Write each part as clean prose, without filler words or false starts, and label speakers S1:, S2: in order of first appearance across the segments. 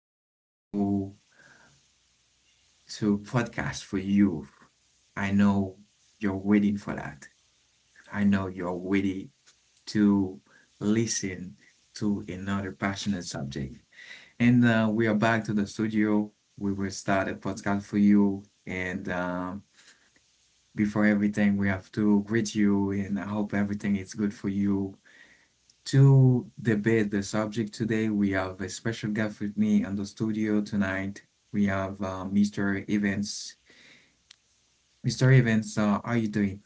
S1: again to podcast for you. I know you're waiting for that. I know you're waiting to listen to another passionate subject. And We are back to the studio. We will start a podcast for you. And Before everything, we have to greet you, and I hope everything is good for you. To debate the subject today, we have a special guest with me on the studio tonight. We have Mr. Evans. Mr. Evans, how are you doing?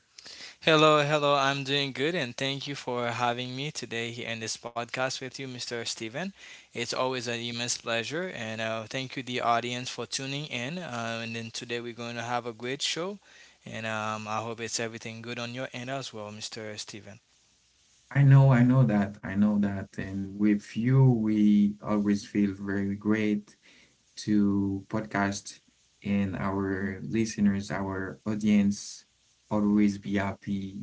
S2: Hello, hello. I'm doing good and thank you for having me today here in this podcast with you, Mr. Steven. It's always an immense pleasure and thank you, the audience, for tuning in. And then today we're going to have a great show and I hope it's everything good on your end as well, Mr. Steven.
S1: I know that, I know that. And with you, we always feel very great to podcast, and our listeners, our audience, always be happy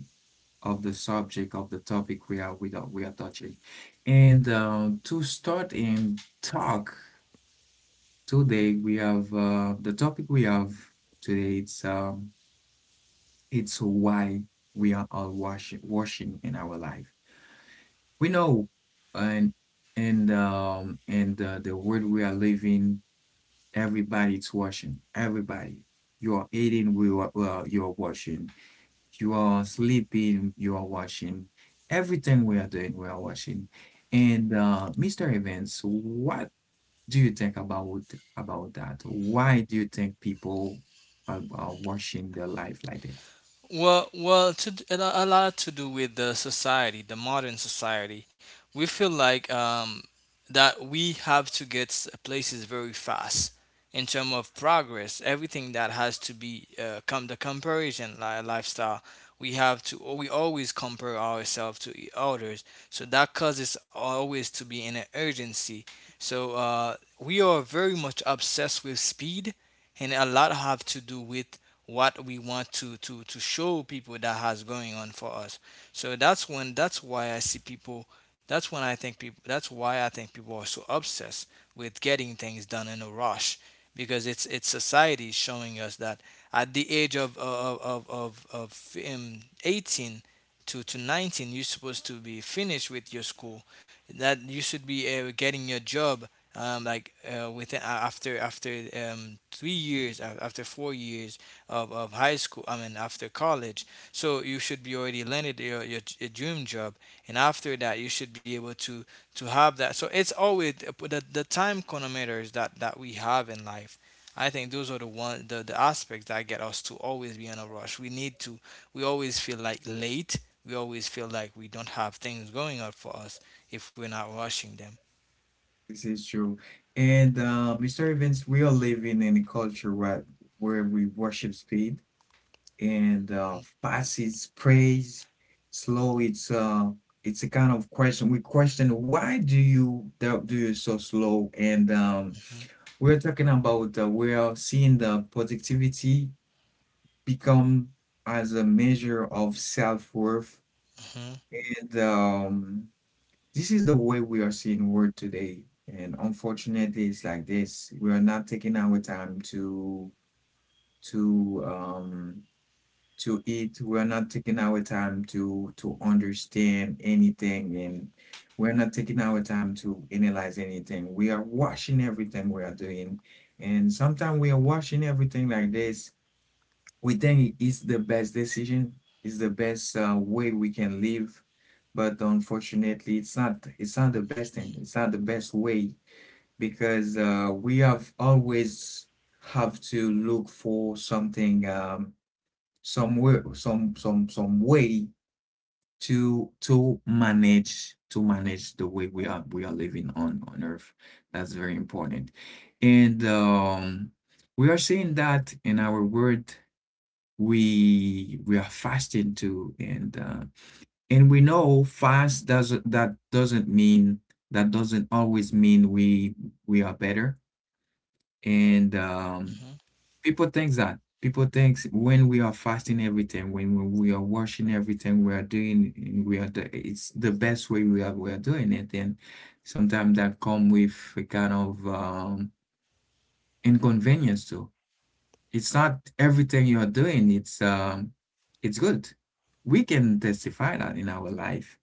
S1: of the subject of the topic we are touching. And To start and talk today we have the topic we have today. It's why we are all washing in our life. We know, and and the world we are living, everybody's washing. Everybody, you are eating, we are you are washing. You are sleeping, you are washing. Everything we are doing, we are washing. And Mr. Evans, what do you think about that? Why do you think people are watching their life like this?
S2: Well, well, to, d- a lo- a lot to do with the society, the modern society. We feel like that we have to get places very fast in terms of progress. Everything that has to be come the lifestyle. We have to. We always compare ourselves to others, so that causes always to be in an urgency. So we are very much obsessed with speed, and a lot have to do with what we want to show people that has going on for us, so that's when that's why I see people that's when I think people that's why I think people are so obsessed with getting things done in a rush because it's society showing us that at the age of 18 to 19, you're supposed to be finished with your school, that you should be getting your job, like within after after 3 years, after 4 years of high school, I mean after college, so you should be already landed your dream job, and after that you should be able to have that. So it's always the time chronometers that we have in life. I think those are the aspects that get us to always be in a rush. We need to, we always feel like late, we always feel like we don't have things going on for us if we're not rushing them.
S1: This is true. And Mr. Evans, we are living in a culture where we worship speed. And fast its praise, slow its it's a kind of question. We question why do you do you so slow? And We're talking about we are seeing the productivity become as a measure of self-worth,
S2: Hmm.
S1: and this is the way we are seeing work today. And unfortunately, it's like this. We are not taking our time to um to it. We're not taking our time to understand anything and we're not taking our time to analyze anything. We are watching everything we are doing. And sometimes we are watching everything like this. We think it's the best decision, it's the best way we can live. But unfortunately, it's not. It's not the best thing. It's not the best way because we have always have to look for something some way, some way to manage the way we are living on Earth. That's very important, and we are seeing that in our world we are fasting too, and we know fast doesn't that doesn't mean that doesn't always mean we are better and
S2: Hmm.
S1: People think that. People think when we are fasting everything, when we are washing everything, we are doing, we are the, it's the best way we are doing it. And sometimes that come with a kind of inconvenience too. It's not everything you're doing it's good. We can testify that in our life,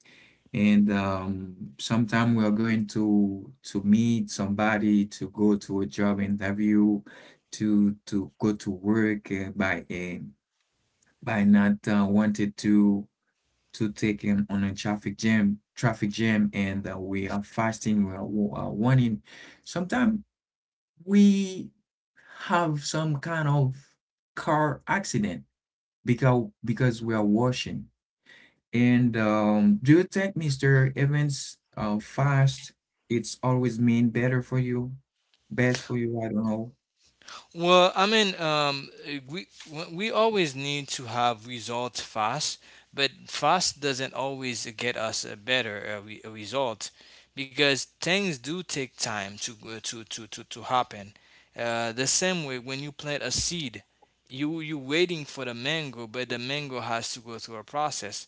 S1: and sometime we are going to meet somebody to go to a job interview to go to work by not wanting to take him on a traffic jam, and we are fasting, we are warning. Sometimes we have some kind of car accident because we are washing. And Do you think Mr. Evans, fast it's always mean better for you, best for you? I don't know.
S2: Well, I mean, we we always need to have results fast, but fast doesn't always get us a better a result because things do take time to go- to happen. The same way when you plant a seed, you waiting for the mango, but the mango has to go through a process.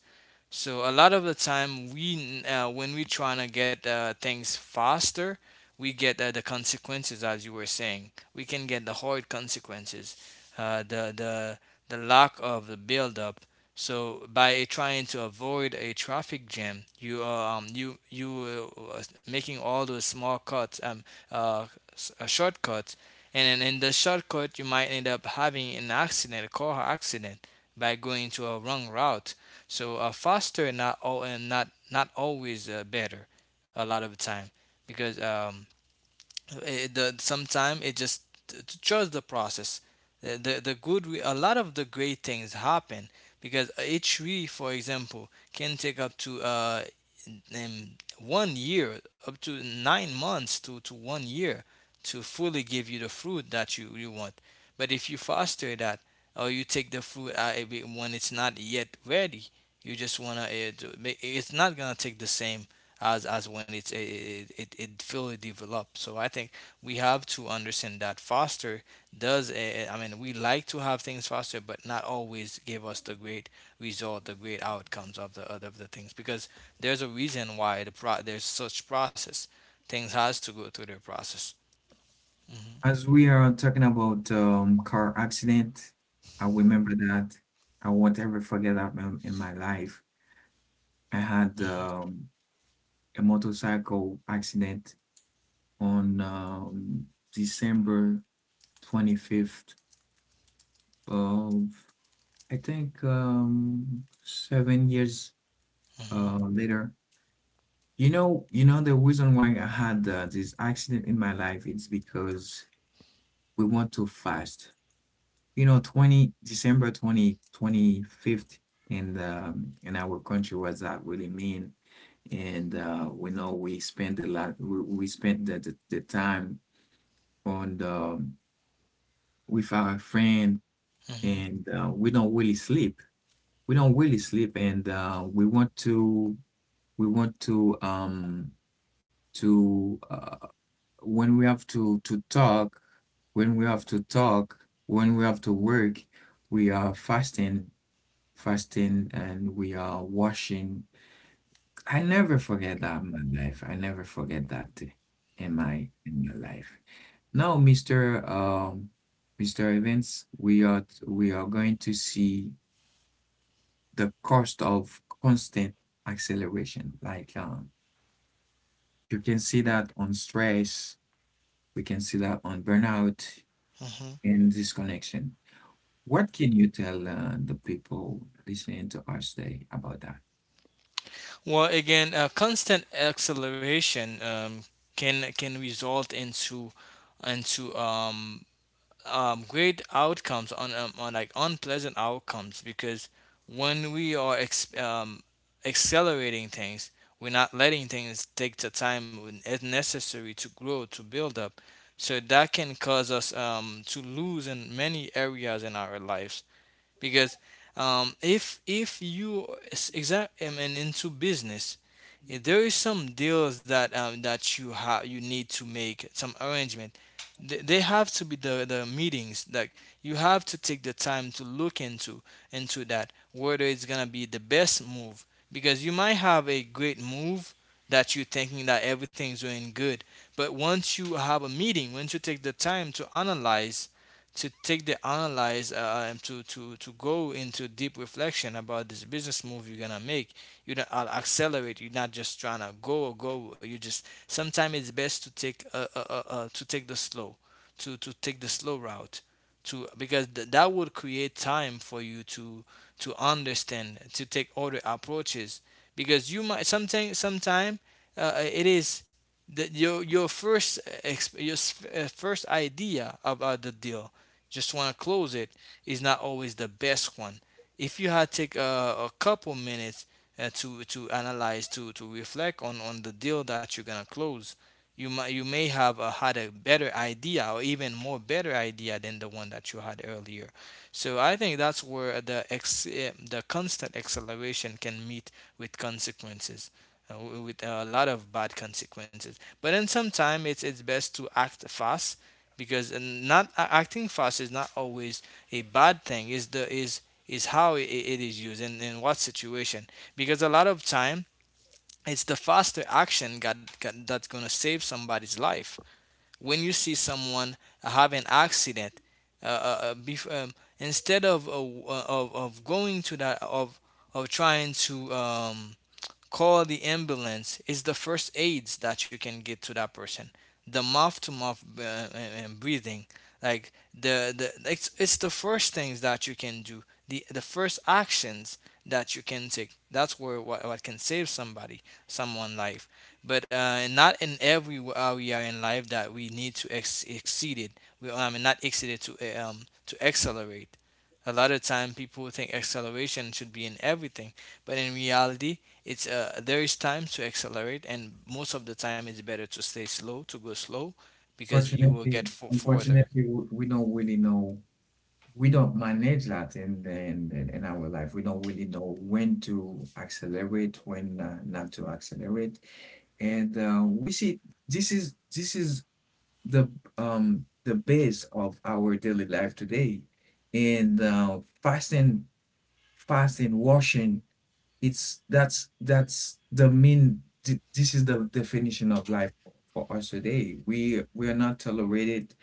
S2: So a lot of the time, when we trying to get things faster, we get the consequences. As you were saying, we can get the horrid consequences, uh, the the the lack of the buildup. So by trying to avoid a traffic jam, you are you making all those small cuts, uh, shortcuts, and then in the shortcut you might end up having an accident, a car accident, by going to a wrong route. So faster not all and not not always better a lot of the time because it, the sometime it just trust the process. A lot of the great things happen because a tree, for example, can take up to um, 1 year, up to 9 months to 1 year, to fully give you the fruit that you want. But if you foster that or you take the fruit out of it when it's not yet ready, you just want to, it's not gonna take the same as when it fully developed. So I think we have to understand that faster does, I mean, we like to have things faster, but not always give us the great result, the great outcomes of the things because there's a reason why there's such process. Things has to go through their process.
S1: As we are talking about car accident, I remember that I won't ever forget that in my life. I had
S2: Mhm.
S1: a motorcycle accident on December 25th. Well, I think 7 years
S2: Mhm.
S1: later. You know, the reason why I had this accident in my life, it's because we went too fast. You know, 20 December twenty twenty fifth in our country was that really mean. And we know we spent a lot, we spent the time on the with our friend,
S2: Mhm.
S1: and we don't really sleep, and we want to we want to um to uh, when we have to talk, when we have to talk when we have to work we are fasting, and we are washing. I never forget that in my life, I never forget that in my life. Now, Mr. Evans, we are going to see the cost of constant acceleration. Like you can see that on stress, we can see that on burnout
S2: Mhm.
S1: and disconnection. What can you tell the people listening to us today about that?
S2: Well, again, constant acceleration can result into into um, great outcomes on like unpleasant outcomes because when we are accelerating things, we're not letting things take the time when it's necessary to grow to build up. So that can cause us to lose in many areas in our lives because, if you is exact, I mean, into business, if there is some deals that that you have, you need to make some arrangement. They have to be the meetings that you have to take the time to look into that, whether it's gonna be the best move, because you might have a great move that you're thinking that everything's doing good, but once you have a meeting, once you take the time to analyze, to take the analyze, and to go into deep reflection about this business move you're gonna make. You don't accelerate. You're not just trying to go or go. You just, sometimes it's best to take, to take the slow, to take the slow route, to, because that would create time for you to understand, to take other approaches, because you might sometime, it is that your first first idea about the deal, just want to close it, is not always the best one. If you had to take a couple minutes to analyze, to reflect on the deal that you're gonna close, you might, you may have had a better idea or even more better idea than the one that you had earlier. So I think that's where the constant acceleration can meet with consequences, uh, with a lot of bad consequences. But then sometimes it's best to act fast, because and not acting fast is not always a bad thing. Is how it is used and in what situation, because a lot of time it's the faster action got that's gonna save somebody's life. When you see someone have an accident, uh, uh, uh, bef- um, instead of, of going to that of trying to call the ambulance, is the first aids that you can get to that person. The mouth to mouth breathing, like it's the first things that you can do. The first actions that you can take. That's where what can save somebody, someone life, but and not in every area in life that we need to exceed it. We And not exceed it to accelerate. A lot of time people think acceleration should be in everything, but in reality, it's, there is time to accelerate, and most of the time it's better to stay slow, to go slow, because you will
S1: Fortunately,
S2: get further.
S1: unfortunately, we don't really know. We don't manage that in in our life. We don't really know when to accelerate, when not to accelerate, and we see this is the the base of our daily life today, and fasting, washing, it's that's the mean. This is the definition of life for us today. We are not tolerated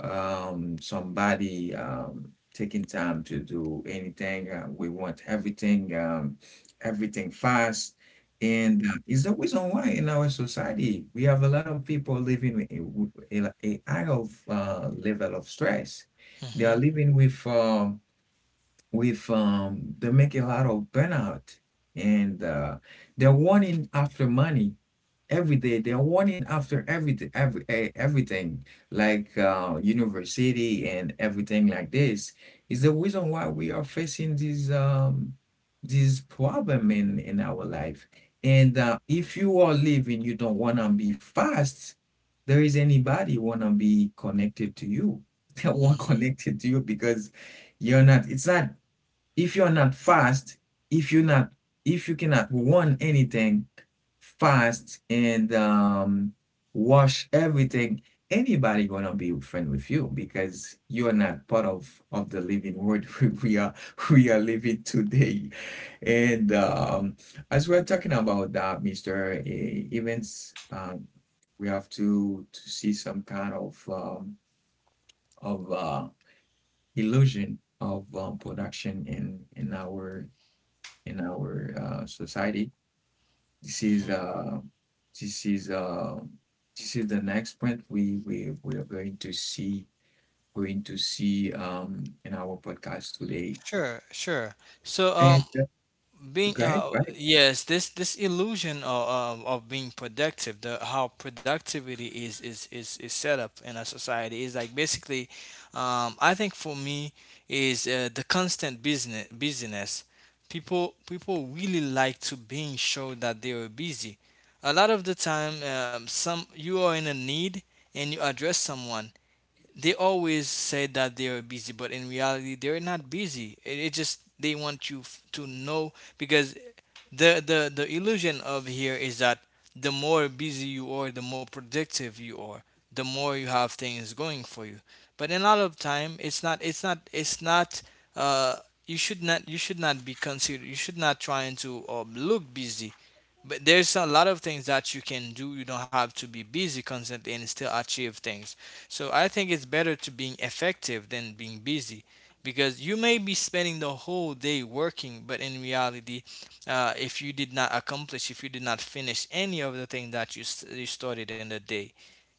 S1: somebody taking time to do anything. We want everything, everything fast. And It's the reason why in our society we have a lot of people living with a high of level of stress. They
S2: Mm-hmm.
S1: are living with they make a lot of burnout, and they're wanting after money every day, they're wanting after everything, everything like university and everything like this is the reason why we are facing this problem in our life. And If you are living, you don't want to be fast, there is anybody want to be connected to you they want
S2: Mm-hmm.
S1: connected to you because you're not it's not. If you are not fast, if you're not, if you cannot want anything fast and wash everything, anybody gonna be friend with you because you are not part of the living world. We we are living today. And As we're talking about that, Mister Evans, we have to see some kind of of uh, illusion of production in in our society. This is
S2: Mm-hmm.
S1: uh, this is uh, this is the next point we are going to see, in our podcast today.
S2: Sure, sure. So,
S1: And
S2: being
S1: Go ahead,
S2: uh,
S1: right?
S2: yes, this illusion of, of being productive, the how productivity is, is set up in a society, is like basically, I think for me is the constant business busyness. People people really like to being shown that they are busy. A lot of the time, some, you are in a need and you address someone, they always say that they are busy, but in reality, they're not busy. It just they want you to know because the illusion of here is that the more busy you are, the more productive you are, the more you have things going for you. But in a lot of time, it's not. It's not. It's not. Uh, you should not. You should not be considered. You should not trying to look busy, but there's a lot of things that you can do. You don't have to be busy constantly and still achieve things. So I think it's better to being effective than being busy, because you may be spending the whole day working, but in reality, if you did not accomplish, if you did not finish any of the things that you started in the day,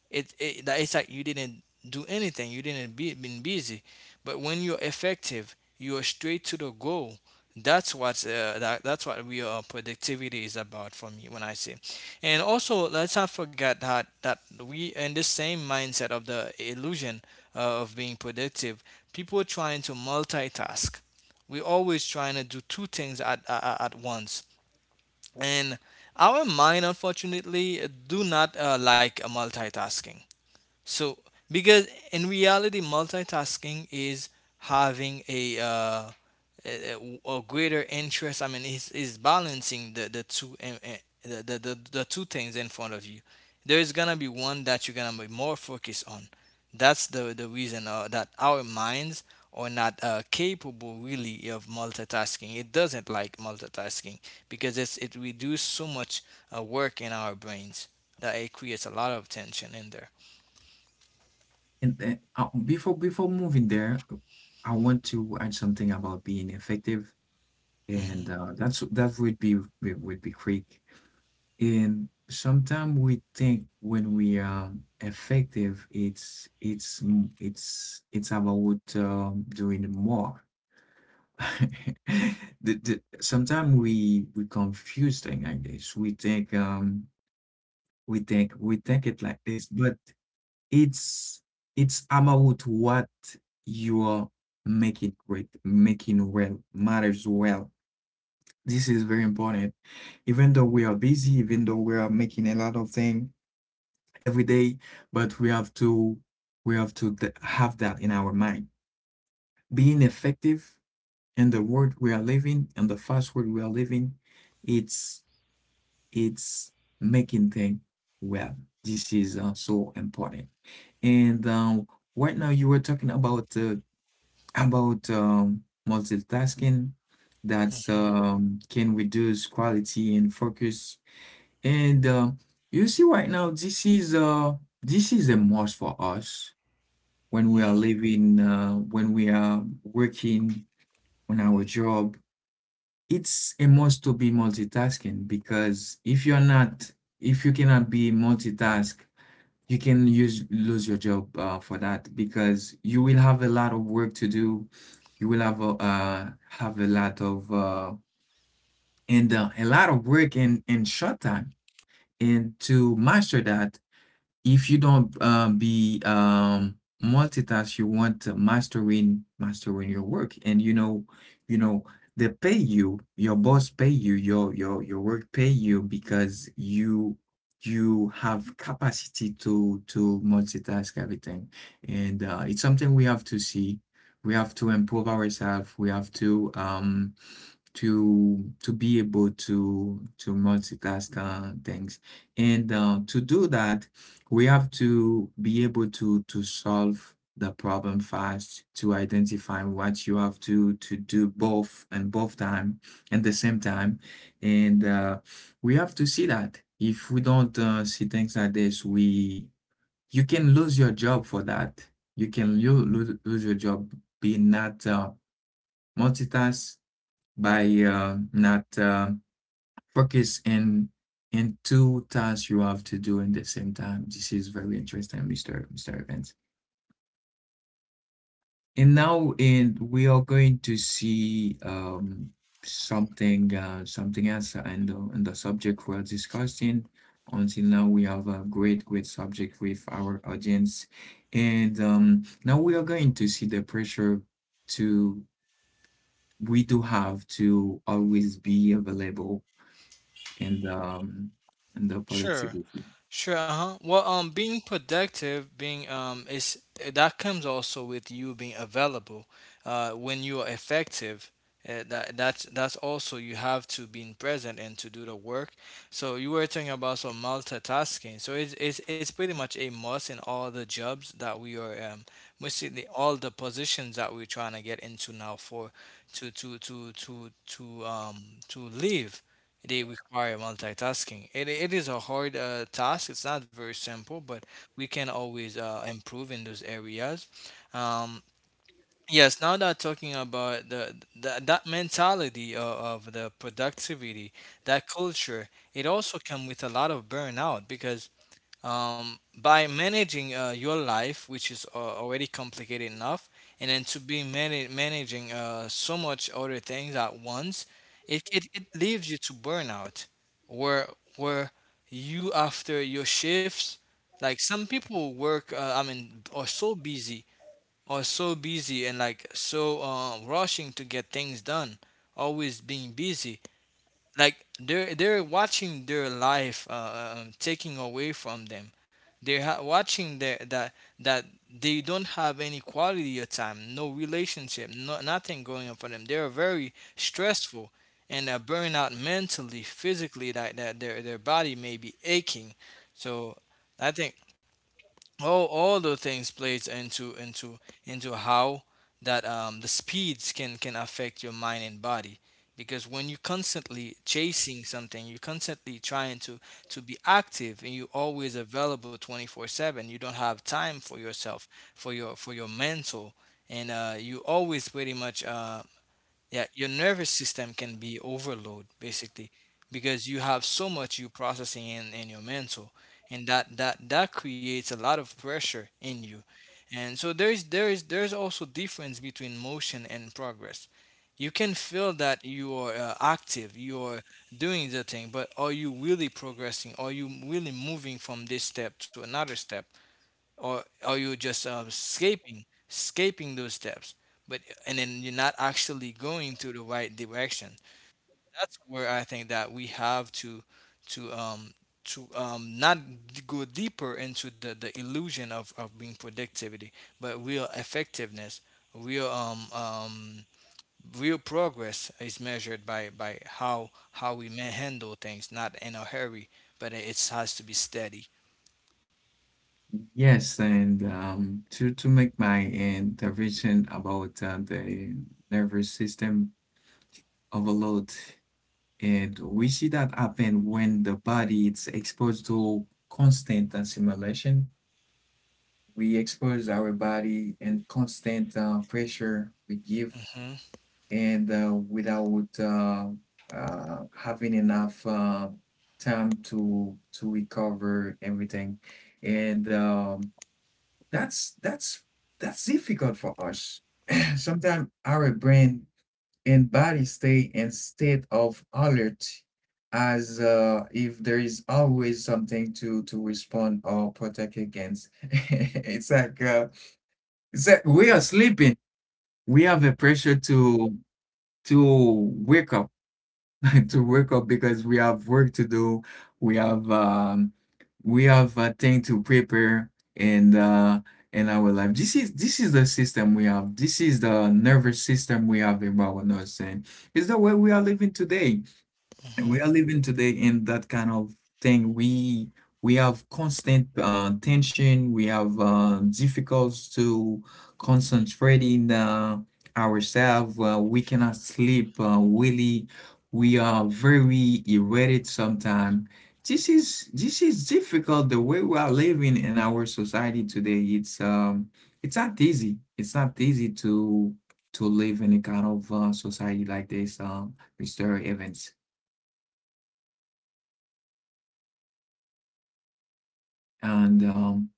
S2: it's like you didn't do anything. You didn't be been busy. But when you're effective, you're straight to the goal. That's what that's what real productivity is about for me when I say. And also, let's not forget that we in the same mindset of the illusion of being productive. People trying to multitask. We're always trying to do two things at once. And our mind, unfortunately, do not like multitasking. So, because in reality, multitasking is having a greater interest. I mean, is balancing the two and the two things in front of you. There is gonna be one that you're gonna be more focused on. That's the reason that our minds are not capable really of multitasking. It doesn't like multitasking because it reduces so much work in our brains that it creates a lot of tension in there.
S1: And then Before before moving there, I want to add something about being effective, and
S2: Mhm.
S1: uh, that's that would be quick. And sometimes we think when we are effective, it's m- it's about doing more. Sometimes we confuse things like this. We think we think it like this, but it's it's about what you are making great, making well, matters well. This is very important. Even though we are busy, even though we are making a lot of things every day, but we have to we have to have that in our mind. Being effective in the world we are living and the fast world we are living, it's it's making things well. This is so important. And Right now you were talking about multitasking that's,
S2: Hmm
S1: can reduce quality and focus. And You see right now this is a must for us when we are
S2: hmm.
S1: living, when we are working on our job. It's a must to be multitasking because if you're not, if you cannot be multitask, you can use lose your job for that because you will have a lot of work to do. You will have a lot of and a lot of work in short time. And to master that, if you don't be multitask, you want to mastering your work, and you know, you know they pay you. Your boss pay you. Your work pay you because you have capacity to multitask everything, and it's something we have to see. We have to improve ourselves. We have to to be able to multitask things, and to do that we have to be able to solve the problem fast, to identify what you have to do both and both time and the same time, and we have to see that if we don't see things like this we you can lose your job for that. You can lose your job being not multitask, by not focus in two tasks you have to do in the same time. This is very interesting, Mr. Evans. And now, and we are going to see something something else and and the subject we're discussing. Until now, we have a great subject with our audience, and now we are going to see the pressure to we do have to always be available and um and the
S2: Sure,
S1: productivity.
S2: sure. Uh-huh. Well, being productive, that comes also with you being available. When you are effective, that that's also you have to be present and to do the work. So you were talking about some multitasking. So it's pretty much a must in all the jobs that we are mostly all the positions that we're trying to get into now for to to to to to um to live. They require multitasking. It is a hard task. It's not very simple, but we can always improve in those areas. Um, yes, now that talking about the that mentality of the productivity, that culture, it also comes with a lot of burnout because by managing your life, which is already complicated enough, and then to be managing so much other things at once, it leaves you to burnout, where where you after your shifts, like some people work, I mean, are so busy, are so busy, and like so rushing to get things done, always being busy like they're watching their life taking away from them. They're watching their, that that they don't have any quality of time, no relationship, no, nothing going on for them. They're very stressful and burning out mentally, physically. That that Their body may be aching. So I think all those things plays into into how that the speeds can affect your mind and body, because when you're constantly chasing something, you're constantly trying to be active, and you're always available 24/7. You don't have time for yourself, for your mental. And you always pretty much yeah your nervous system can be overload basically, because you have so much you processing in your mental, and that creates a lot of pressure in you. And so there is also difference between motion and progress. You can feel that you are active, you are doing the thing, but are you really progressing, are you really moving from this step to another step, or are you just escaping those steps, but and then you're not actually going to the right direction. That's where I think that we have to to um not go deeper into the illusion of being productivity, but real effectiveness, real real progress is measured by how we may handle things not in a hurry, but it has to be steady.
S1: Yes, and to make my intervention about the nervous system overload, and we see that happen when the body is exposed to constant stimulation. We expose our body and constant pressure. We give
S2: Hmm
S1: and without having enough time to recover everything, and that's that's that's difficult for us. Sometimes our brain and body stay in state of alert as if there is always something to respond or protect against. It's like we are sleeping. We have a pressure to wake up, to wake up because we have work to do. We have um, we have a thing to prepare, and in our life. This is the system we have. This is the nervous system we have about us, and it's the way we are living today.
S2: hmm.
S1: We are living today in that kind of thing, we have constant tension. We have difficulties to concentrating ourselves. We cannot sleep, really. We are very irritated sometimes. This is difficult, the way we are living in our society today. It's not easy. It's not easy to live in a kind of society like this. Mr. Evans. And um,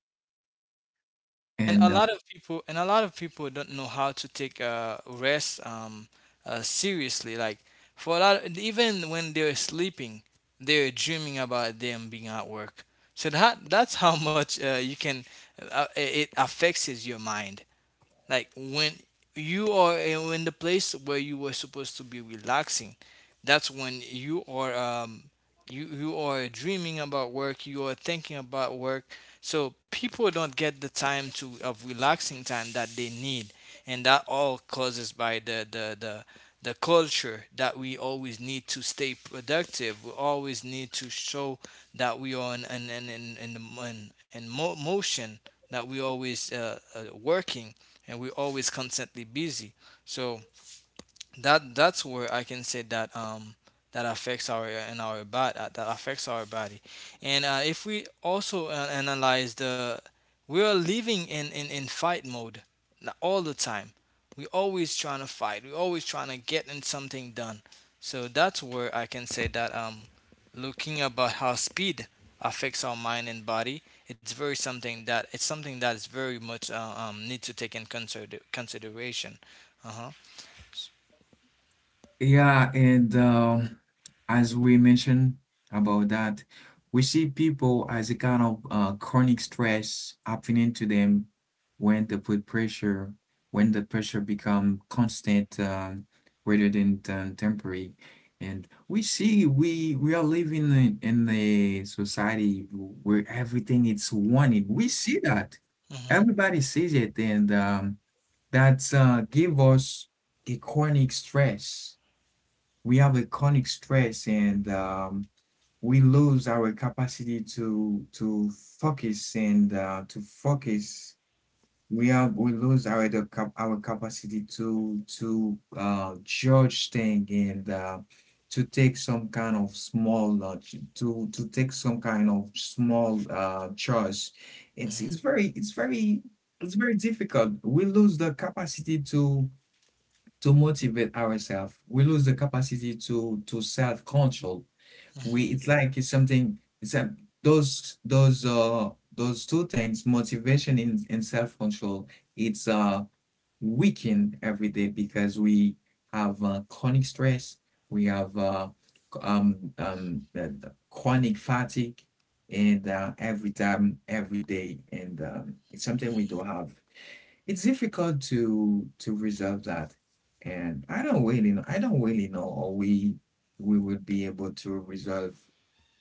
S2: And a
S1: and
S2: lot of people, don't know how to take rest seriously, like for a lot, even when they're sleeping, they're dreaming about them being at work. So that's how much you can it affects is your mind. Like when you are in the place where you were supposed to be relaxing, that's when you are you are dreaming about work, you are thinking about work. So people don't get the time to of relaxing time that they need, and that all causes by the culture that we always need to stay productive. We always need to show that we are in motion. That we always working, and we're always constantly busy. So that's where I can say that that affects our and our body, that affects our body. And if we also analyze, the we are living in, in fight mode all the time. We always trying to fight. We always trying to get in something done. So that's where I can say that looking about how speed affects our mind and body, it's very something that it's something that is very much need to take in consideration. Uh
S1: Yeah, and as we mentioned about that, we see people as a kind of chronic stress happening to them when they put pressure, when the pressure become constant, rather than temporary. And we see we are living in a society where everything is wanted. We see that.
S2: huh.
S1: Everybody sees it, and that give us a chronic stress. We have a chronic stress, and we lose our capacity to focus, and to focus. We have we lose our the our capacity to judge things, and to take some kind of small ch- to take some kind of small choice. It's
S2: Mhm.
S1: very difficult. We lose the capacity to motivate ourselves. We lose the capacity to self-control. We,
S2: Mhm,
S1: it's like, it's something, it's a, those those uh those two things, motivation and self-control, it's weakened every day because we have chronic stress, we have the chronic fatigue, and every time every day, and it's something we don't have. It's difficult to resolve that, and I don't really know. I don't really know or we would be able to resolve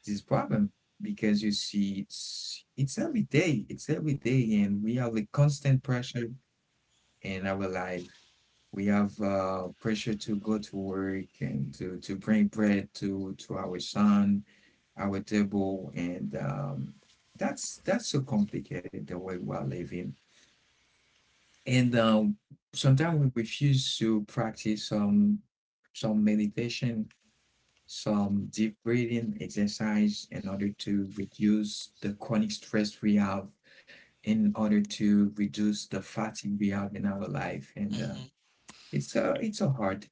S1: this problem because you see, it's every day. It's every day, and we have a constant pressure in our life. We have pressure to go to work and to bring bread to our son, our table, and that's so complicated, the way we are living, and sometimes we refuse to practice some meditation, some deep breathing exercise in order to reduce the chronic stress we have, in order to reduce the fatigue we have in our life. And
S2: mhm.
S1: it's a hard.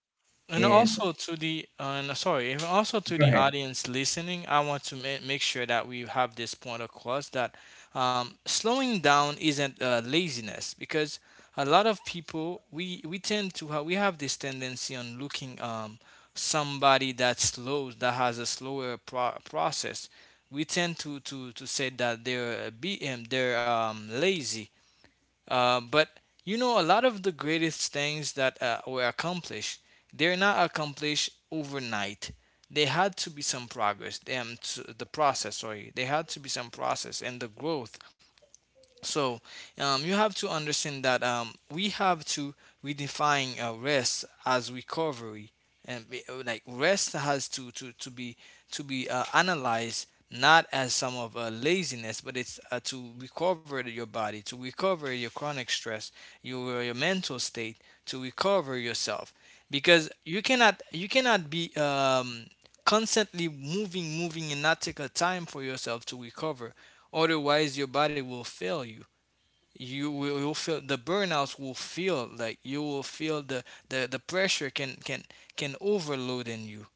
S2: And
S1: And
S2: also to the, and sorry, and also to
S1: go
S2: the
S1: ahead.
S2: audience listening, I want to make sure that we have this point across that slowing down isn't laziness, because a lot of people, we tend to have, we have this tendency on looking somebody that slows that has a slower process. We tend to to say that they're be they're lazy. But you know, a lot of the greatest things that were accomplished, they're not accomplished overnight. They had to be some progress. To the process, sorry, they had to be some process and the growth. So you have to understand that we have to redefine rest as recovery, and be, like rest has to be to be analyzed not as some of laziness, but it's to recover your body, to recover your chronic stress, your mental state, to recover yourself, because you cannot be constantly moving and not take a time for yourself to recover. Otherwise, your body will fail you. You will you'll feel the burnouts, will feel like, you will feel the pressure can can overload in you.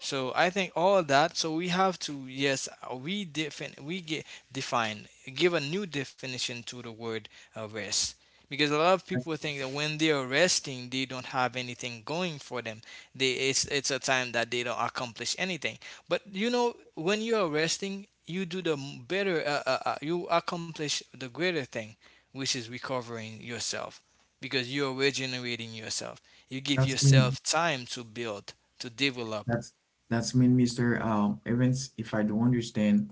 S2: So I think all of that. So we have to, yes, we define, we get define, give a new definition to the word rest, because a lot of
S1: That's
S2: people think that when they are resting, they don't have anything going for them. They, it's a time that they don't accomplish anything. But you know, when you are resting, you do the better. You accomplish the greater thing, which is recovering yourself, because you're regenerating yourself. You give
S1: that's mean
S2: yourself time to build, to develop.
S1: that's that's mean, Mr. Evans, if I don't understand,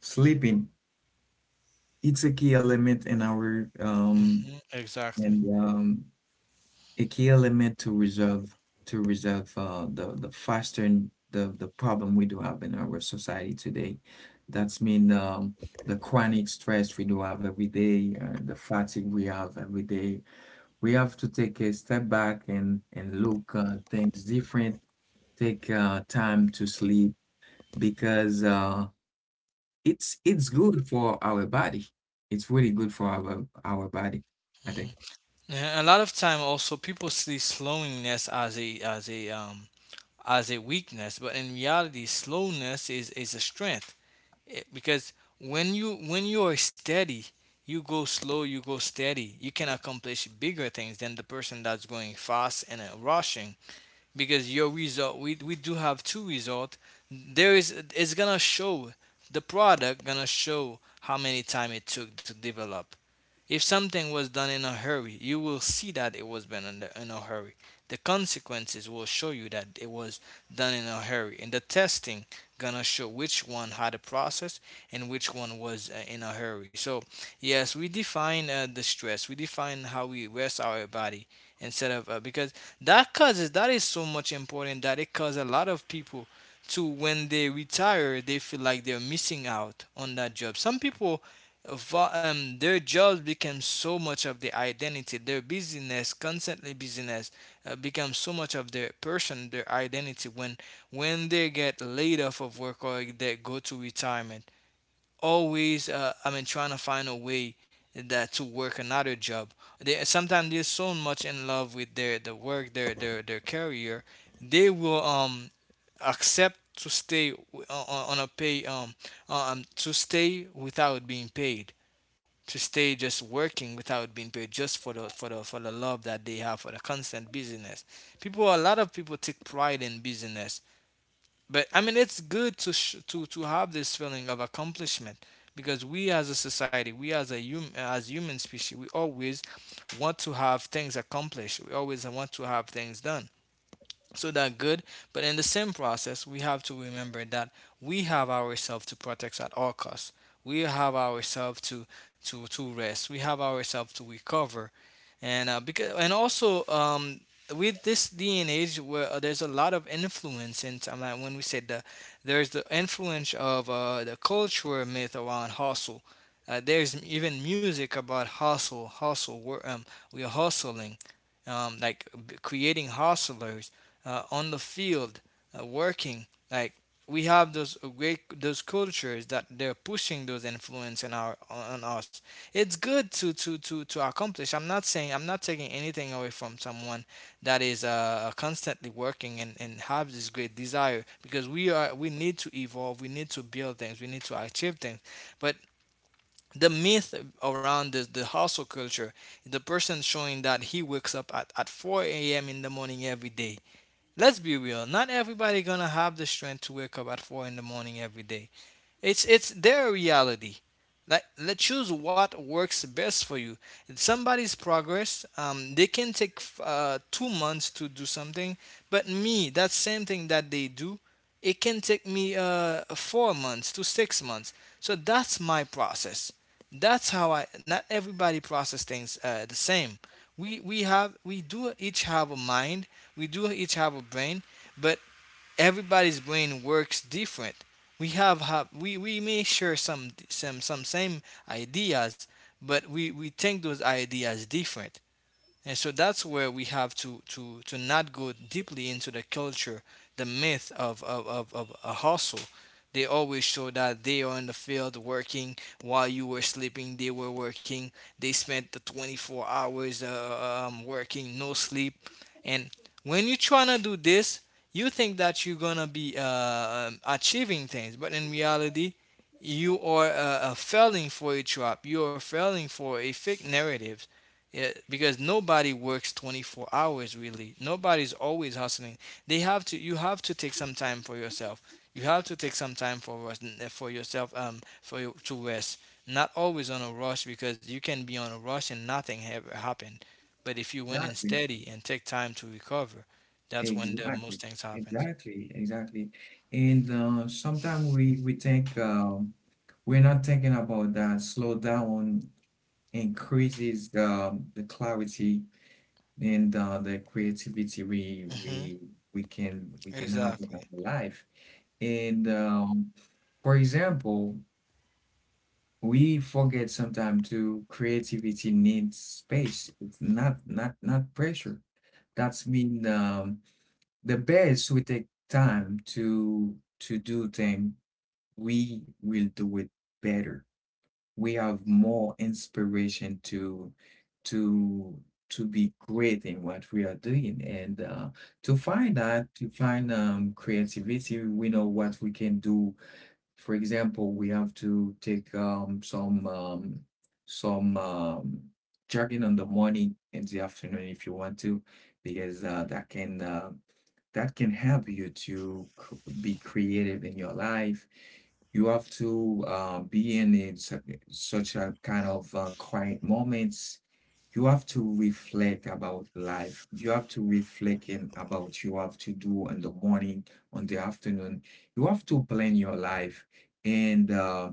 S1: sleeping, it's a key element in our
S2: Exactly.
S1: and a key element to resolve, to resolve the faster, the problem we do have in our society today. That's mean, the chronic stress we do have every day, the fatigue we have every day. We have to take a step back and look things different. Take time to sleep, because it's good for our body. It's really good for our body, I think.
S2: And a lot of time also people see slowness as a as a weakness, but in reality slowness is a strength. Because when you are steady, you go slow, you go steady. You can accomplish bigger things than the person that's going fast and rushing, because your result, we do have two result. There is, it's gonna show, the product gonna show how many time it took to develop. If something was done in a hurry, you will see that it was done in a hurry. The consequences will show you that it was done in a hurry, and the testing gonna show which one had a process and which one was in a hurry. So yes, we define the stress, we define how we rest our body instead of because that causes, that is so much important, that it causes a lot of people to, when they retire, they feel like they're missing out on that job. Some people their jobs become so much of their identity. Their business, constantly business, becomes so much of their person, their identity. When they get laid off of work or they go to retirement, always I mean trying to find a way that to work another job, they sometimes they're so much in love with the work, their career, they will accept to stay on a pay to stay without being paid, to stay just working without being paid, just for the love that they have for the constant business. People, a lot of people take pride in business. But I mean, it's good to to have this feeling of accomplishment, because we as a society, we as a as human species, we always want to have things accomplished. We always want to have things done. So that good, but in the same process, we have to remember that we have ourselves to protect at all costs. We have ourselves to to rest. We have ourselves to recover. And because and also with this day and age where there's a lot of influence, and I'm like when we said the there's the influence of the cultural myth around hustle. There's even music about hustle, hustle. We're hustling , like creating hustlers on the field, working like we have those great, those cultures that they're pushing those influence in our on us. It's good to accomplish. I'm not saying, I'm not taking anything away from someone that is constantly working and have this great desire, because we need to evolve, we need to build things, we need to achieve things. But the myth around the hustle culture, the person showing that he wakes up at 4 a.m. in the morning every day. Let's be real, not everybody gonna have the strength to wake up at 4 in the morning every day. It's their reality. Like, let choose what works best for you. It's somebody's progress. They can take 2 months to do something, but me, that same thing that they do, it can take me 4 months to 6 months. So that's my process. That's how I. Not everybody process things the same. We do each have a mind. We do each have a brain, but everybody's brain works different. We have we may share some same ideas, but we think those ideas different. And so that's where we have to not go deeply into the culture, the myth of a hustle. They always show that they are in the field working while you were sleeping, they were working. They spent the 24 hours working, no sleep. And when you're trying to do this, you think that you're going to be achieving things, but in reality, you are failing for a trap. You are falling for a fake narrative, yeah, because nobody works 24 hours really. Nobody's always hustling. They have to You have to take some time for yourself. You have to take some time for rest, for yourself, for you to rest. Not always on a rush, because you can be on a rush and nothing ever happened. But if you went in
S1: Exactly.
S2: steady and take time to recover, that's when the
S1: Exactly,
S2: most things happens.
S1: exactly, exactly. And sometimes we think, we're not thinking about that. Slow down increases the clarity and the creativity we
S2: Mhm.
S1: we we can we can have in
S2: Exactly.
S1: our life. And for example, we forget sometimes to creativity needs space. It's not pressure. That's mean, the best we take time to do thing, we will do it better. We have more inspiration to to be great in what we are doing, and to find creativity. We know what we can do. For example, we have to take some jogging on the morning and the afternoon if you want to, because that can help you to be creative in your life. You have to be in it, such a kind of quiet moments. You have to reflect about life. You have to reflect in about you have to do in the morning, on the afternoon. You have to plan your life, and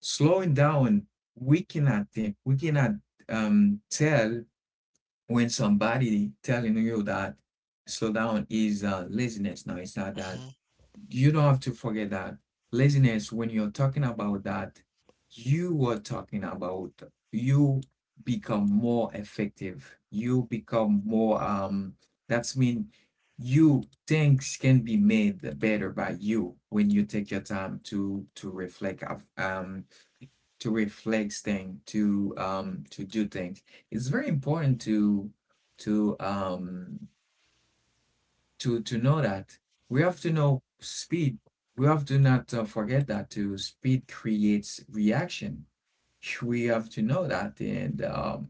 S1: slowing down, we cannot tell, when somebody telling you that slow down is laziness. Now, it's not that.
S2: Mhm.
S1: You don't have to forget that laziness, when you're talking about that, you were talking about, you become more effective, you become more that's mean, you, things can be made better by you when you take your time to reflect, to reflect things, to do things. It's very important to to um to know that. We have to know speed. We have to not forget that to speed creates reaction. We have to know that, and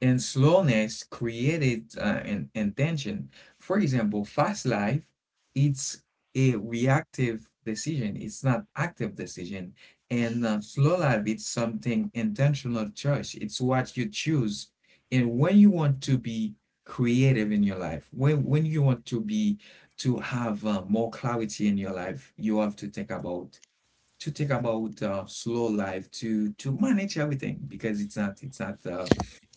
S1: and slowness created an intention. For example, fast life, it's a reactive decision. It's not active decision. And slow life, it's something intentional choice. It's what you choose. And when you want to be creative in your life, when you want to have more clarity in your life, you have to think about, slow life, to manage everything, because it's not it's not uh,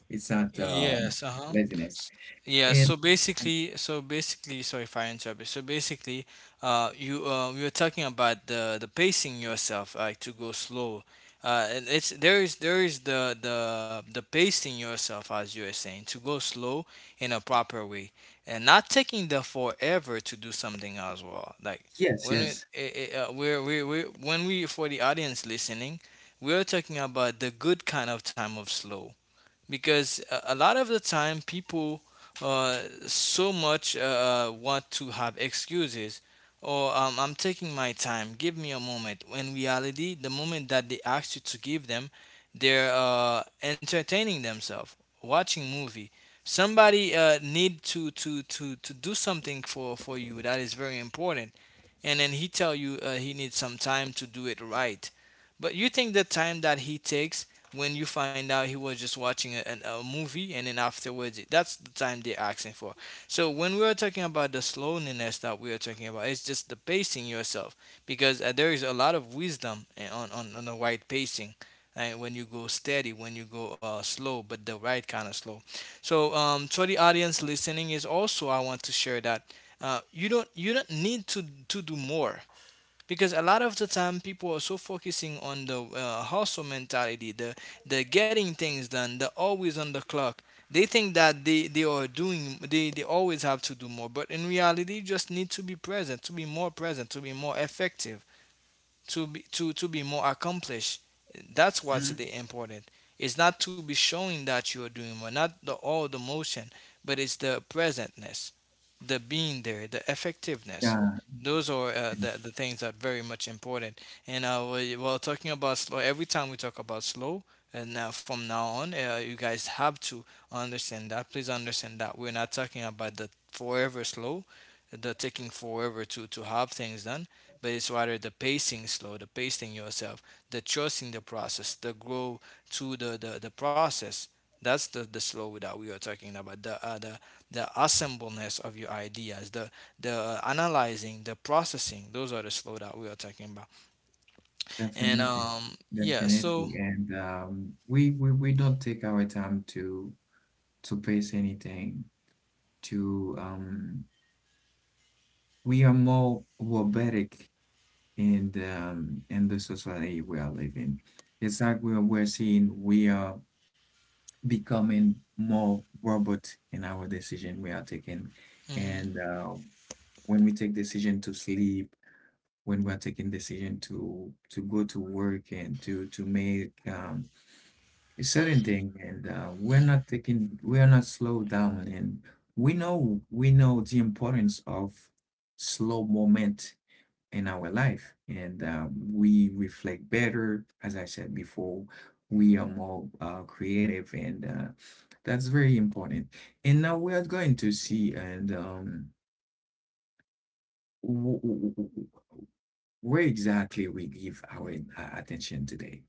S1: it's not um,
S2: Yes, uh-huh.
S1: laziness.
S2: Yeah,
S1: And um,
S2: so basically, sorry if I interrupt you. So basically, you we were talking about the pacing yourself, like to go slow. And it's there is the the pacing yourself, as you are saying, to go slow in a proper way and not taking the forever to do something as well. Like,
S1: yes,
S2: when it,
S1: yes.
S2: it, we're, we when we for the audience listening, we're talking about the good kind of time of slow. Because a lot of the time people uh, so much want to have excuses or, I'm taking my time, give me a moment. When reality, the moment that they ask you to give them, they're entertaining themselves, watching movie. Somebody need to do something for you that is very important. And then he tell you he needs some time to do it right. But you think the time that he takes, when you find out he was just watching a movie, and then afterwards that's the time they're asking for. So when we are talking about the slowness that we are talking about, it's just the pacing yourself. Because there is a lot of wisdom, on, on the right pacing. And when you go steady, when you go slow, but the right kind of slow. So to the audience listening, is also I want to share that, you don't, you don't need to do more. Because a lot of the time people are so focusing on the hustle mentality, the getting things done, the always on the clock. They think that they are doing, they always have to do more. But in reality, you just need to be present, to be more present, to be more effective, to be more accomplished. That's what's
S1: Mhm.
S2: the important. It's not to be showing that you are doing more, not the all the motion, but it's the presentness, the being there, the effectiveness.
S1: Yeah,
S2: Those are the things that are very much important. And well, talking about slow, every time we talk about slow, and now from now on, you guys have to understand that. Please understand that we're not talking about the forever slow, the taking forever to have things done, but it's rather the pacing slow, the pacing yourself, the trust in the process, the grow to the process. That's the slow that we are talking about. The the assembleness of your ideas, the analyzing, the processing. Those are the slow that we are talking about. And
S1: definitely,
S2: yeah, so
S1: definitely. And we don't take our time to pace anything. To We are more robotic in the society we are living. It's like we're seeing we are becoming more robot in our decision we are taking,
S2: hmm.
S1: and when we take decision to sleep, when we're taking decision to go to work and to make a certain thing, and we're not slow down, and we know the importance of slow moment in our life, and we reflect better, as I said before. We are more creative, and that's very important. And now we are going to see, and w- w- w- where exactly we give our attention today,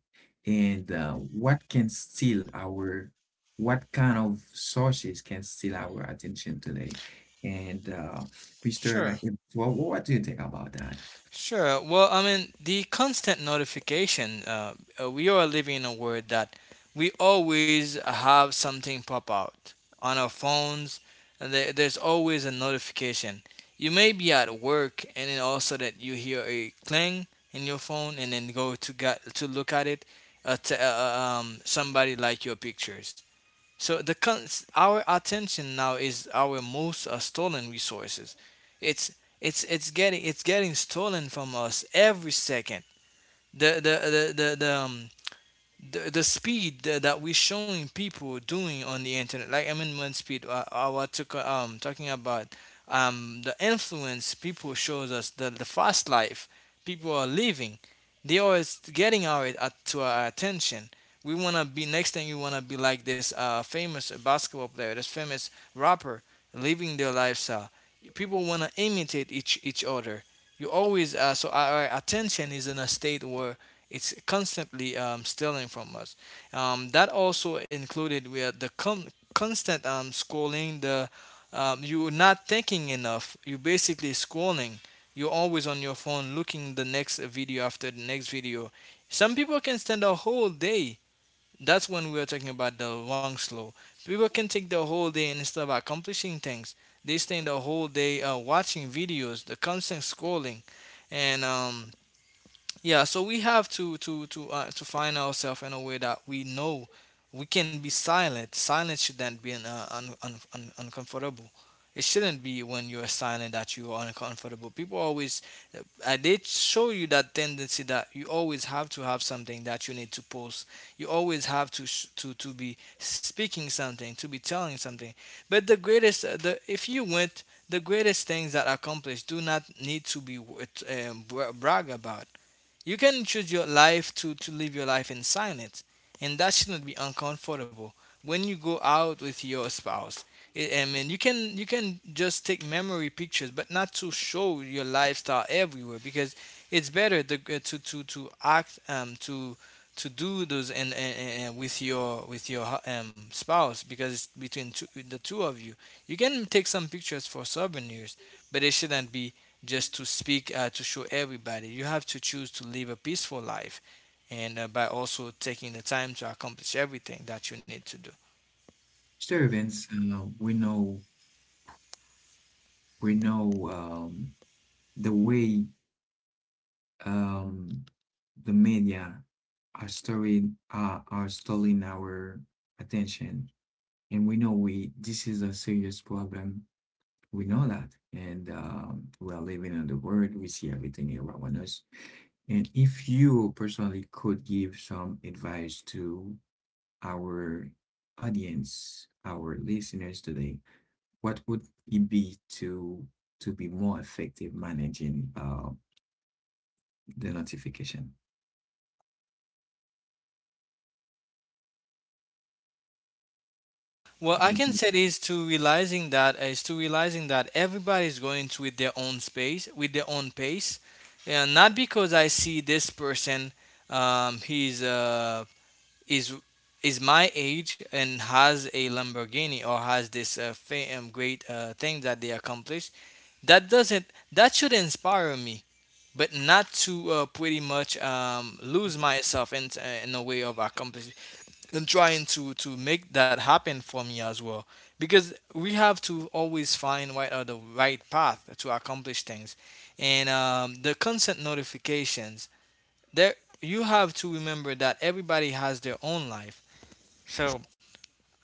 S1: and what kind of sources can steal our attention today, and
S2: Sure.
S1: Well, what do you think about that,
S2: Sure. Well, I mean, the constant notification, we are living in a world that we always have something pop out on our phones. And There, there's always a notification. You may be at work, and then also that you hear a clang in your phone, and then go to get, to look at it. Somebody like your pictures. So our attention now is our most stolen resources. It's, it's getting stolen from us every second. The the the the, the um, the speed that we're showing people doing on the internet. Like, I mean, one speed, talking about the influence people shows us, the fast life people are living. They always getting our to our attention. We want to be next thing, you want to be like this famous basketball player, this famous rapper, living their lifestyle. People want to imitate each other. You always so our attention is in a state where it's constantly stealing from us. That also included with constant scrolling. The You're not thinking enough. You're basically scrolling. You're always on your phone, looking the next video after the next video. Some people can spend a whole day. That's when we are talking about the wrong slow. People can take the whole day, and instead of accomplishing things, they spend the whole day watching videos, the constant scrolling, and yeah, so we have to find ourselves in a way that we know we can be silent. Silence shouldn't be an, un, un, un, uncomfortable. It shouldn't be when you're silent that you are uncomfortable. People always they show you that tendency that you always have to have something that you need to post. You always have to be speaking something, to be telling something. But the greatest, the if you went, the greatest things that accomplished do not need to be brag about. You can choose your life to live your life in silence, and that shouldn't be uncomfortable when you go out with your spouse. I mean, you can just take memory pictures, but not to show your lifestyle everywhere. Because it's better the, to act, to do those, and with your, with your spouse, because it's between two, the two of you. You can take some pictures for souvenirs, but it shouldn't be just to speak, to show everybody. You have to choose to live a peaceful life, and by also taking the time to accomplish everything that you need to do.
S1: Mr. Evans? We know, the way, um, the media are stealing our attention. And we know, we this is a serious problem. We know that. And we are living in the world. We see everything around us. And if you personally could give some advice to our audience, our listeners today, what would it be to be more effective managing the notification? I
S2: Well, I
S1: mean,
S2: can say is to realizing that, everybody is going to with their own space, with their own pace, and not because I see this person, he's is is my age and has a Lamborghini, or has this great thing that they accomplished, that doesn't, that should inspire me, but not to pretty much lose myself in, in a way of accomplishing and trying to make that happen for me as well. Because we have to always find what are the right path to accomplish things, and the consent notifications there, you have to remember that everybody has their own life. So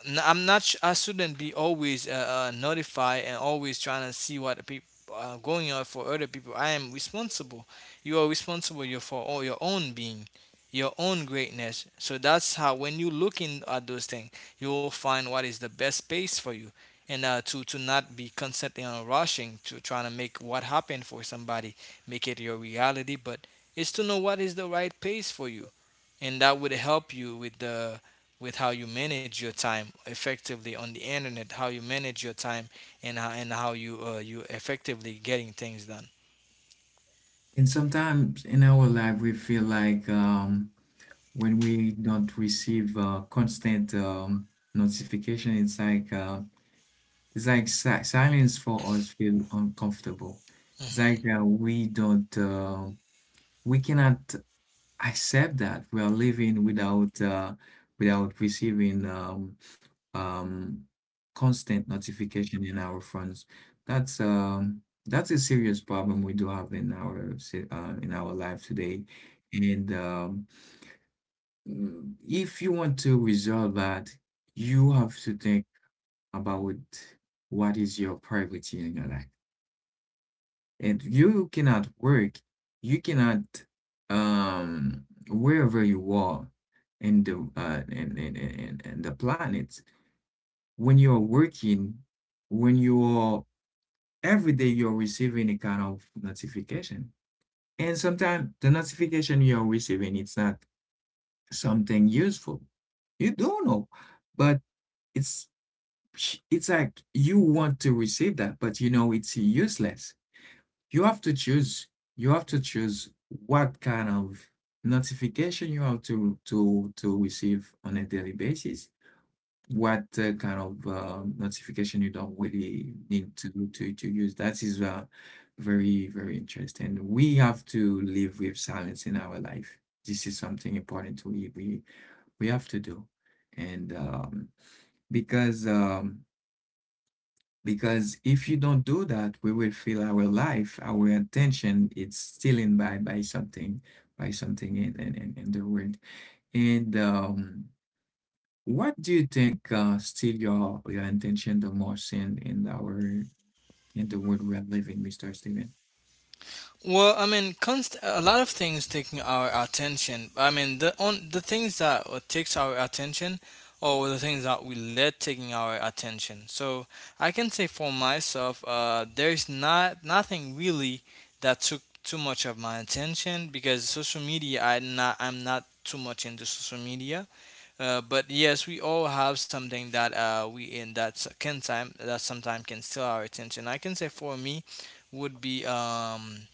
S2: I'm not. I shouldn't be always notified and always trying to see what people going on for other people. I am responsible. You are responsible, you for all your own being, your own greatness. So that's how when you looking at those things, you will find what is the best space for you, and to not be constantly on rushing to trying to make what happened for somebody make it your reality, but it's to know what is the right pace for you, and that would help you with the, with how you manage your time effectively on the internet, how you manage your time, and how you, you effectively getting things done.
S1: and sometimes in our life, we feel like, when we don't receive constant notification, it's like It's like si silence for us feel uncomfortable. It's
S2: Hmm.
S1: like, we cannot accept that we are living without, without receiving um, constant notification in our phones. That's a serious problem we do have in our in our life today. And um, if you want to resolve that, you have to think about what is your priority in your life, and you cannot work. You cannot wherever you are in the in the planet. When you're working, when you're every day you're receiving a kind of notification. And sometimes the notification you're receiving, it's not something useful. You don't know, but it's it's like you want to receive that, but you know it's useless. you have to choose you have to choose what kind of notification you have to receive on a daily basis, what kind of notification you don't really need to use, that is very, very interesting. We have to live with silence in our life. This is something important to, we have to do, and because um, because if you don't do that, we will feel our life, our attention, it's stealing by something, in, in the world. And what do you think steal your attention the most in our in the world we are living, Mr. Steven?
S2: Well, I mean, a lot of things taking our attention. I mean, the on the things that takes our attention, or the things that we let taking our attention. So I can say for myself, there's not nothing really that took too much of my attention, because social media. I'm not too much into social media. But yes, we all have something that we in that s- can time that sometimes can steal our attention. I can say for me would be um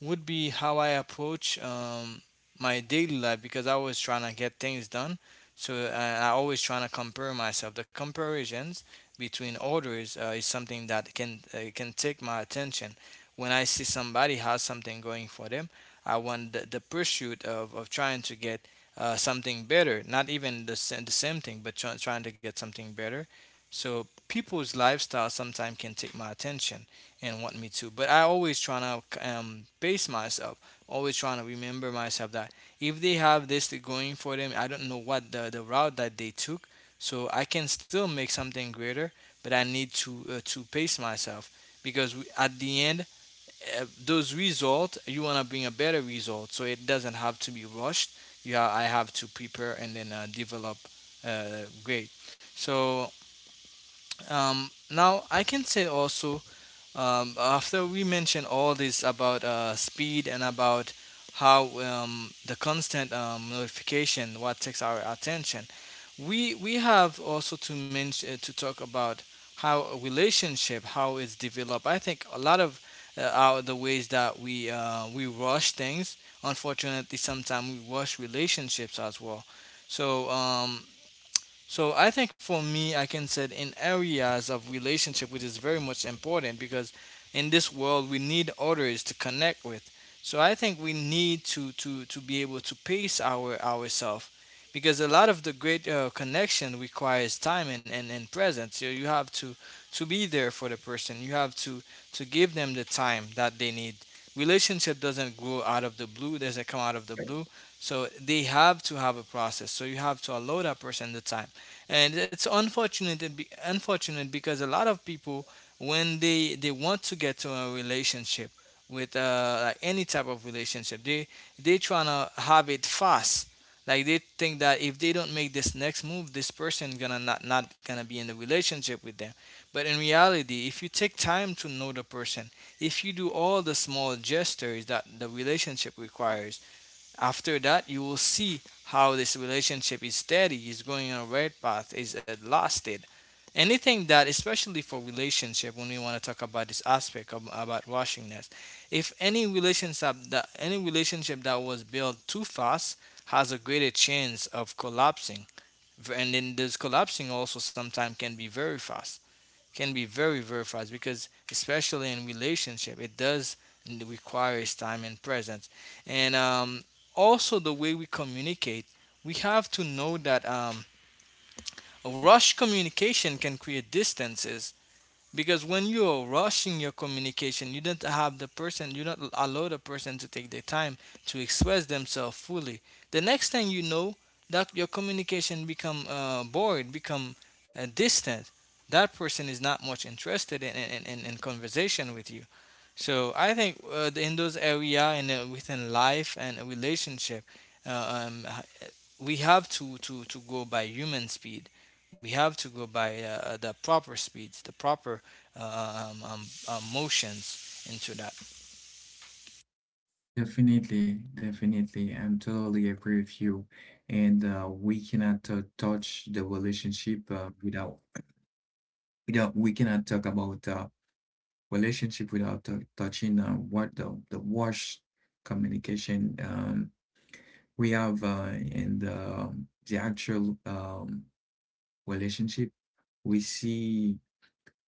S2: would be how I approach my daily life because I was trying to get things done. So I always trying to compare myself. The comparisons between others is something that can take my attention. When I see somebody has something going for them, I want the pursuit of trying to get something better. Not even the same thing, but trying to get something better. So people's lifestyle sometimes can take my attention and want me to. But I always trying to pace myself, always trying to remember myself that if they have this going for them, I don't know what the route that they took, so I can still make something greater. But I need to pace myself because we, at the end, those results you want to bring a better result, so it doesn't have to be rushed. I have to prepare and then develop great. So Now I can say also after we mention all this about speed and about how the constant notification what takes our attention, we have also to mention to talk about how a relationship how it's developed. I think a lot of our the ways that we rush things. Unfortunately, sometimes we rush relationships as well. So um, so I think for me, I can set in areas of relationship, which is very much important because in this world we need others to connect with. So I think we need to be able to pace ourselves because a lot of the great connection requires time and presence. So you have to be there for the person. You have to give them the time that they need. Relationship doesn't grow out of the blue. Doesn't come out of the blue. So they have to have a process. So you have to allow that person the time and it's unfortunate because a lot of people when they want to get to a relationship with like any type of relationship they trying to have it fast like they think that if they don't make this next move this person gonna not gonna be in a relationship with them but in reality if you take time to know the person if you do all the small gestures that the relationship requires after that, you will see how this relationship is steady, is going on a right path, is lasted. Anything that, especially for relationship, when we want to talk about this aspect of, about rushingness, if any relationship that was built too fast has a greater chance of collapsing, and then this collapsing also sometimes can be very fast can be very fast because especially in relationship it does requires time and presence and also the way we communicate we have to know that rush communication can create distances because when you're rushing your communication you don't have the person you don't allow the person to take the time to express themselves fully the next thing you know that your communication become bored become distant that person is not much interested in conversation with you so I think in those area and within life and a relationship uh, um, we have to go by human speed. We have to go by the proper speeds, the proper motions into that.
S1: Definitely, definitely. I'm totally agree with you. And we cannot touch the relationship without without we cannot talk about relationship without touching what the wash communication we have in the actual relationship we see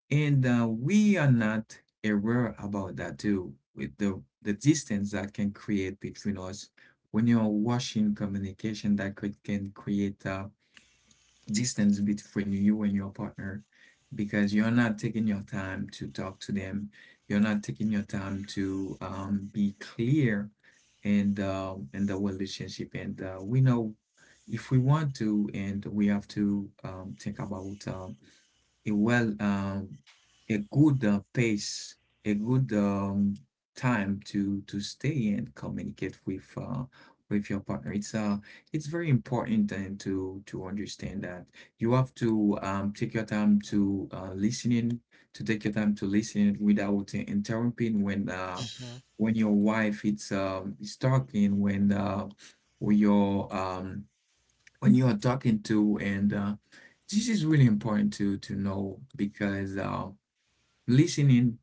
S1: and we are not aware about that too with the distance that can create between us when you're washing communication that can create distance between you and your partner because you're not taking your time to talk to them. You're not taking your time to be clear in the relationship. And we know if we want to, and we have to think about a a good pace, a good time to stay and communicate with your partner. It's it's very important then to understand that you have to take your time to listening, to take your time to listen without interrupting
S2: Hmm
S1: when your wife it's is talking when you're um when you are talking to and this is really important to know because listening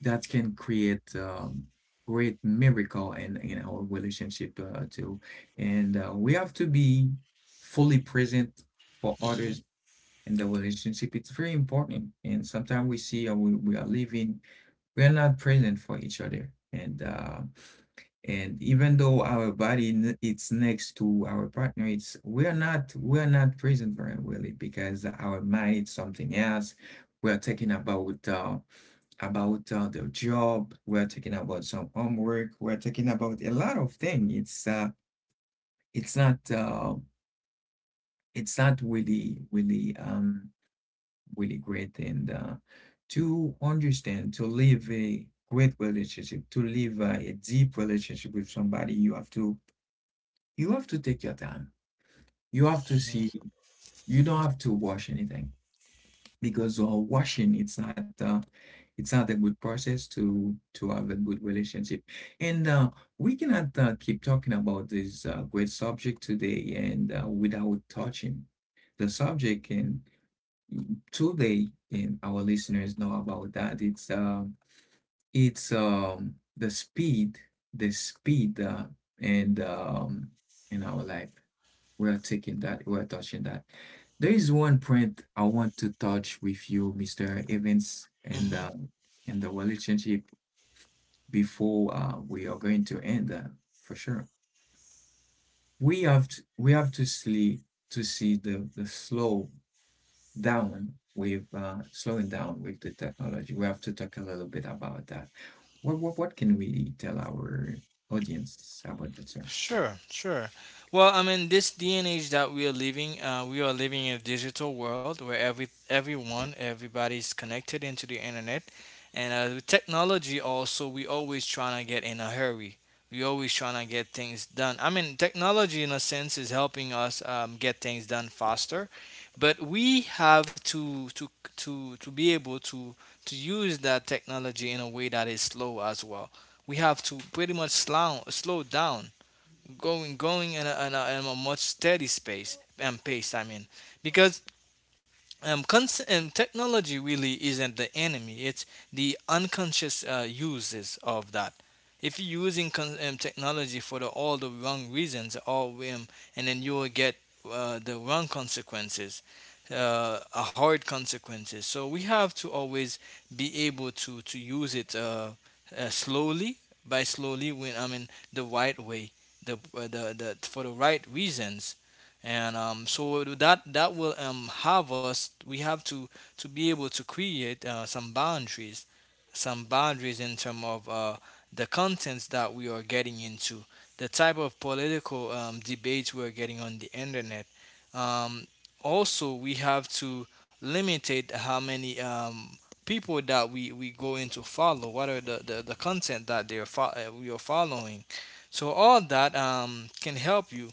S1: that can create great miracle in our relationship too, and we have to be fully present for
S2: hmm
S1: others in the relationship. It's very important, and sometimes we see we are living we are not present for each other, and even though our body it's next to our partner it's we're not present very really because our mind is something else we're talking about the job we're talking about some homework we're talking about a lot of things it's not uh it's not really really great and to understand to live a great relationship to live a deep relationship with somebody you have to take your time. You have to see. You don't have to wash anything because washing it's not a good process to have a good relationship. And we cannot keep talking about this great subject today and without touching the subject. And today, and our listeners know about that. It's the speed, and in our life. We're taking that, we're touching that. There is one point I want to touch with you, Mr. Evans, and
S2: hmm
S1: the in the relationship before we are going to end that for sure. We have to see the slow down with slowing down with the technology. We have to talk a little bit about that. What can we tell our audience about that, sir?
S2: Sure, sure. Well, I mean, this day and age that we are living in a digital world where everyone, everybody's connected into the internet, and with technology also, we always trying to get in a hurry. We always trying to get things done. I mean, technology in a sense is helping us get things done faster, but we have to be able to use that technology in a way that is slow as well. We have to pretty much slow down going in a, in a much steady space and pace I mean because technology really isn't the enemy, it's the unconscious uses of that. If you're using technology for the, all the wrong reasons or and then you will get the wrong consequences, a hard consequences, so we have to always be able to use it slowly by slowly, when I mean the right way, the for the right reasons. And so that that will have us, we have to be able to create some boundaries, some boundaries in terms of the contents that we are getting into, the type of political debates we are getting on the internet. um, Also we have to limitate how many people that we go into follow, what are the content that we are following. So all that can help you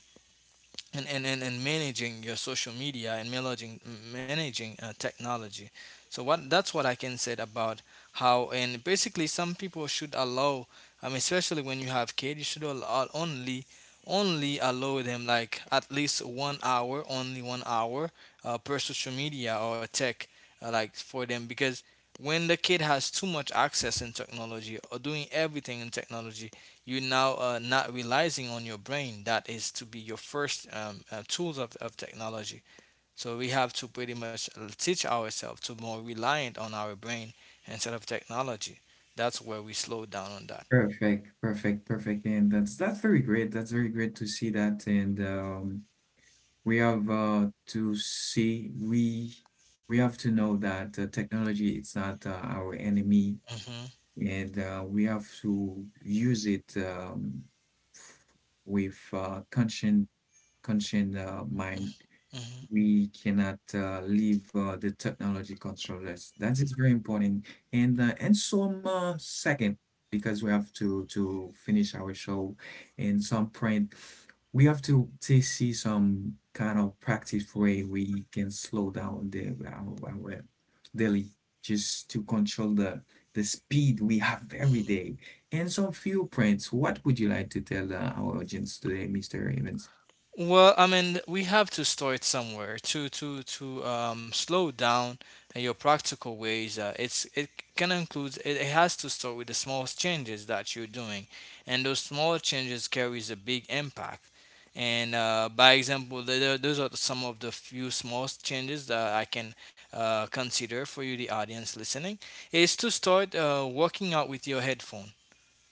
S2: and managing your social media and managing technology. So what that's what I can say about how. And basically some people should allow, I especially when you have kids, you should allow, only only allow them like at least 1 hour, only 1 hour per social media or tech, like for them. Because when the kid has too much access in technology or doing everything in technology, you now not realizing on your brain that is to be your first tools of technology. So we have to pretty much teach ourselves to more reliant on our brain instead of technology. That's where we slow down on that.
S1: Perfect, perfect, perfect, and that's very great. That's very great to see that, and we have to see we have to know that technology is not our enemy
S2: Hmm
S1: and we have to use it f- with conscient mind
S2: hmm
S1: we cannot leave the technology controllers. That is very important. And some second, because we have to finish our show, in some point, we have to see some kind of practice way we can slow down our daily just to control the speed we have every day and some few prints. What would you like to tell our audience today, Mr. Evans?
S2: Well, I mean, we have to start somewhere to slow down in your practical ways. It's it can include, it has to start with the small changes that you're doing, and those small changes carries a big impact. And by example, those are some of the few small changes that I can consider for you, the audience listening, is to start working out with your headphone.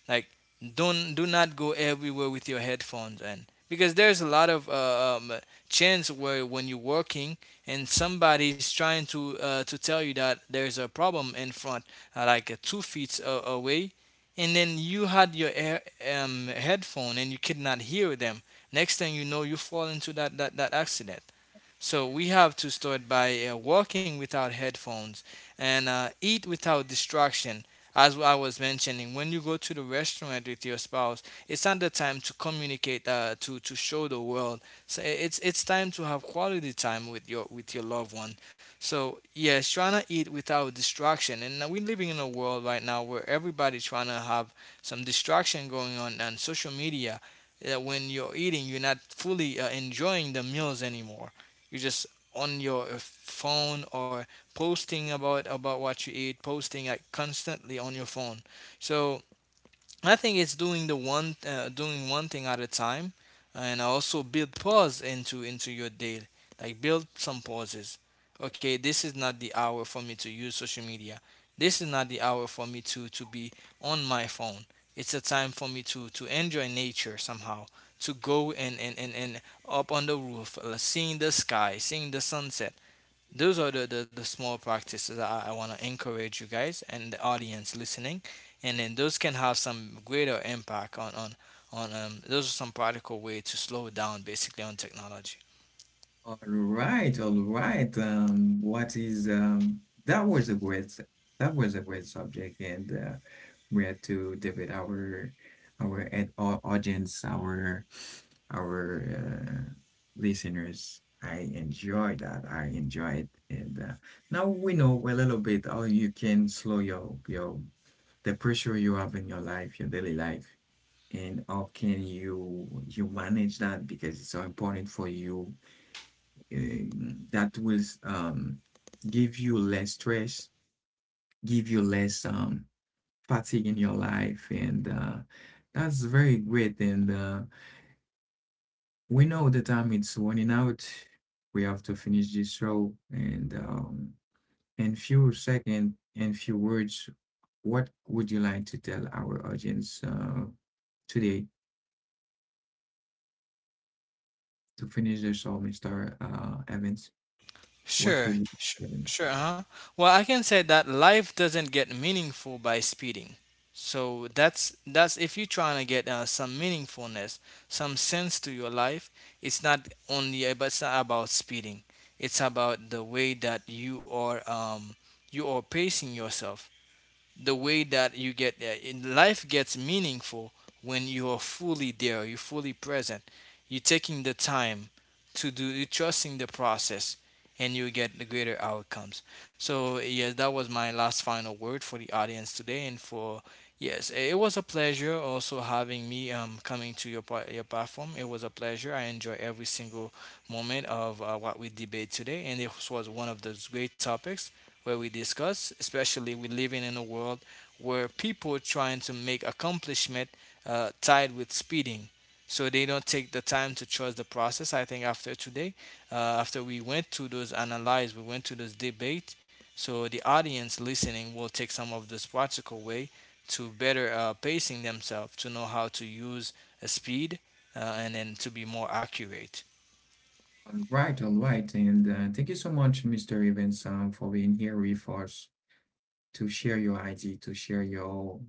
S2: Like don't, do not go everywhere with your headphones, and because there's a lot of chance where when you're working and somebody's trying to tell you that there's a problem in front, like 2 feet away, and then you had your headphone and you could not hear them. Next thing you know, you fall into that accident. So we have to start by walking without headphones and eat without distraction. As I was mentioning, when you go to the restaurant with your spouse, it's not the time to communicate, to show the world. So it's time to have quality time with your loved one. So yes, trying to eat without distraction. And now we're living in a world right now where everybody's trying to have some distraction going on social media. That when you're eating, you're not fully enjoying the meals anymore. You're just on your phone or posting about what you eat, posting like constantly on your phone. So I think it's doing the one doing one thing at a time, and also build pause into your day. Like build some pauses. Okay, this is not the hour for me to use social media. This is not the hour for me to be on my phone. It's a time for me to enjoy nature somehow. To go and up on the roof, seeing the sky, seeing the sunset. Those are the small practices I want to encourage you guys and the audience listening. And then those can have some greater impact on those are some practical way to slow down basically on technology.
S1: All right, all right. What is that was a great that was a great subject and we had to debate audience, our uh, listeners. I enjoy that. I enjoy it. And now we know a little bit how you can slow your the pressure you have in your life, your daily life, and how can you you manage that because it's so important for you that will give you less stress, give you less fatigue in your life, and that's very great. And we know the time it's running out. We have to finish this show, and in few seconds, in few words, what would you like to tell our audience today to finish the show, Mister Evans? What would
S2: Sure,
S1: you
S2: sure,
S1: tell them?
S2: sure. Uh-huh. Well, I can say that life doesn't get meaningful by speeding. So that's if you're trying to get some meaningfulness, some sense to your life. It's not only about it's not about speeding. It's about the way that you are pacing yourself, the way that you get in life gets meaningful when you are fully there, you're fully present, you're taking the time to do, you're trusting the process, and you get the greater outcomes. So yes, that was my last final word for the audience today. And for, yes, it was a pleasure also having me coming to your your platform. It was a pleasure. I enjoy every single moment of what we debate today, and this was one of those great topics where we discuss, especially we living in a world where people trying to make accomplishment tied with speeding. So they don't take the time to trust the process. I think after today, after we went to those analyze, we went to those debate. So the audience listening will take some of this practical way to better pacing themselves, to know how to use a speed and then to be more accurate.
S1: All right, all right. And thank you so much, Mr. Evans, for being here with us to share your idea, to share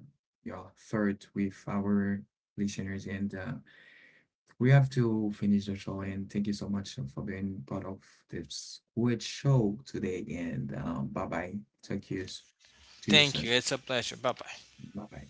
S1: your thought with our listeners. And we have to finish the show. And thank you so much for being part of this great show today. And bye bye. Talk to you, s- to you
S2: Thank you.
S1: soon.
S2: It's a pleasure. Bye bye.
S1: Bye bye.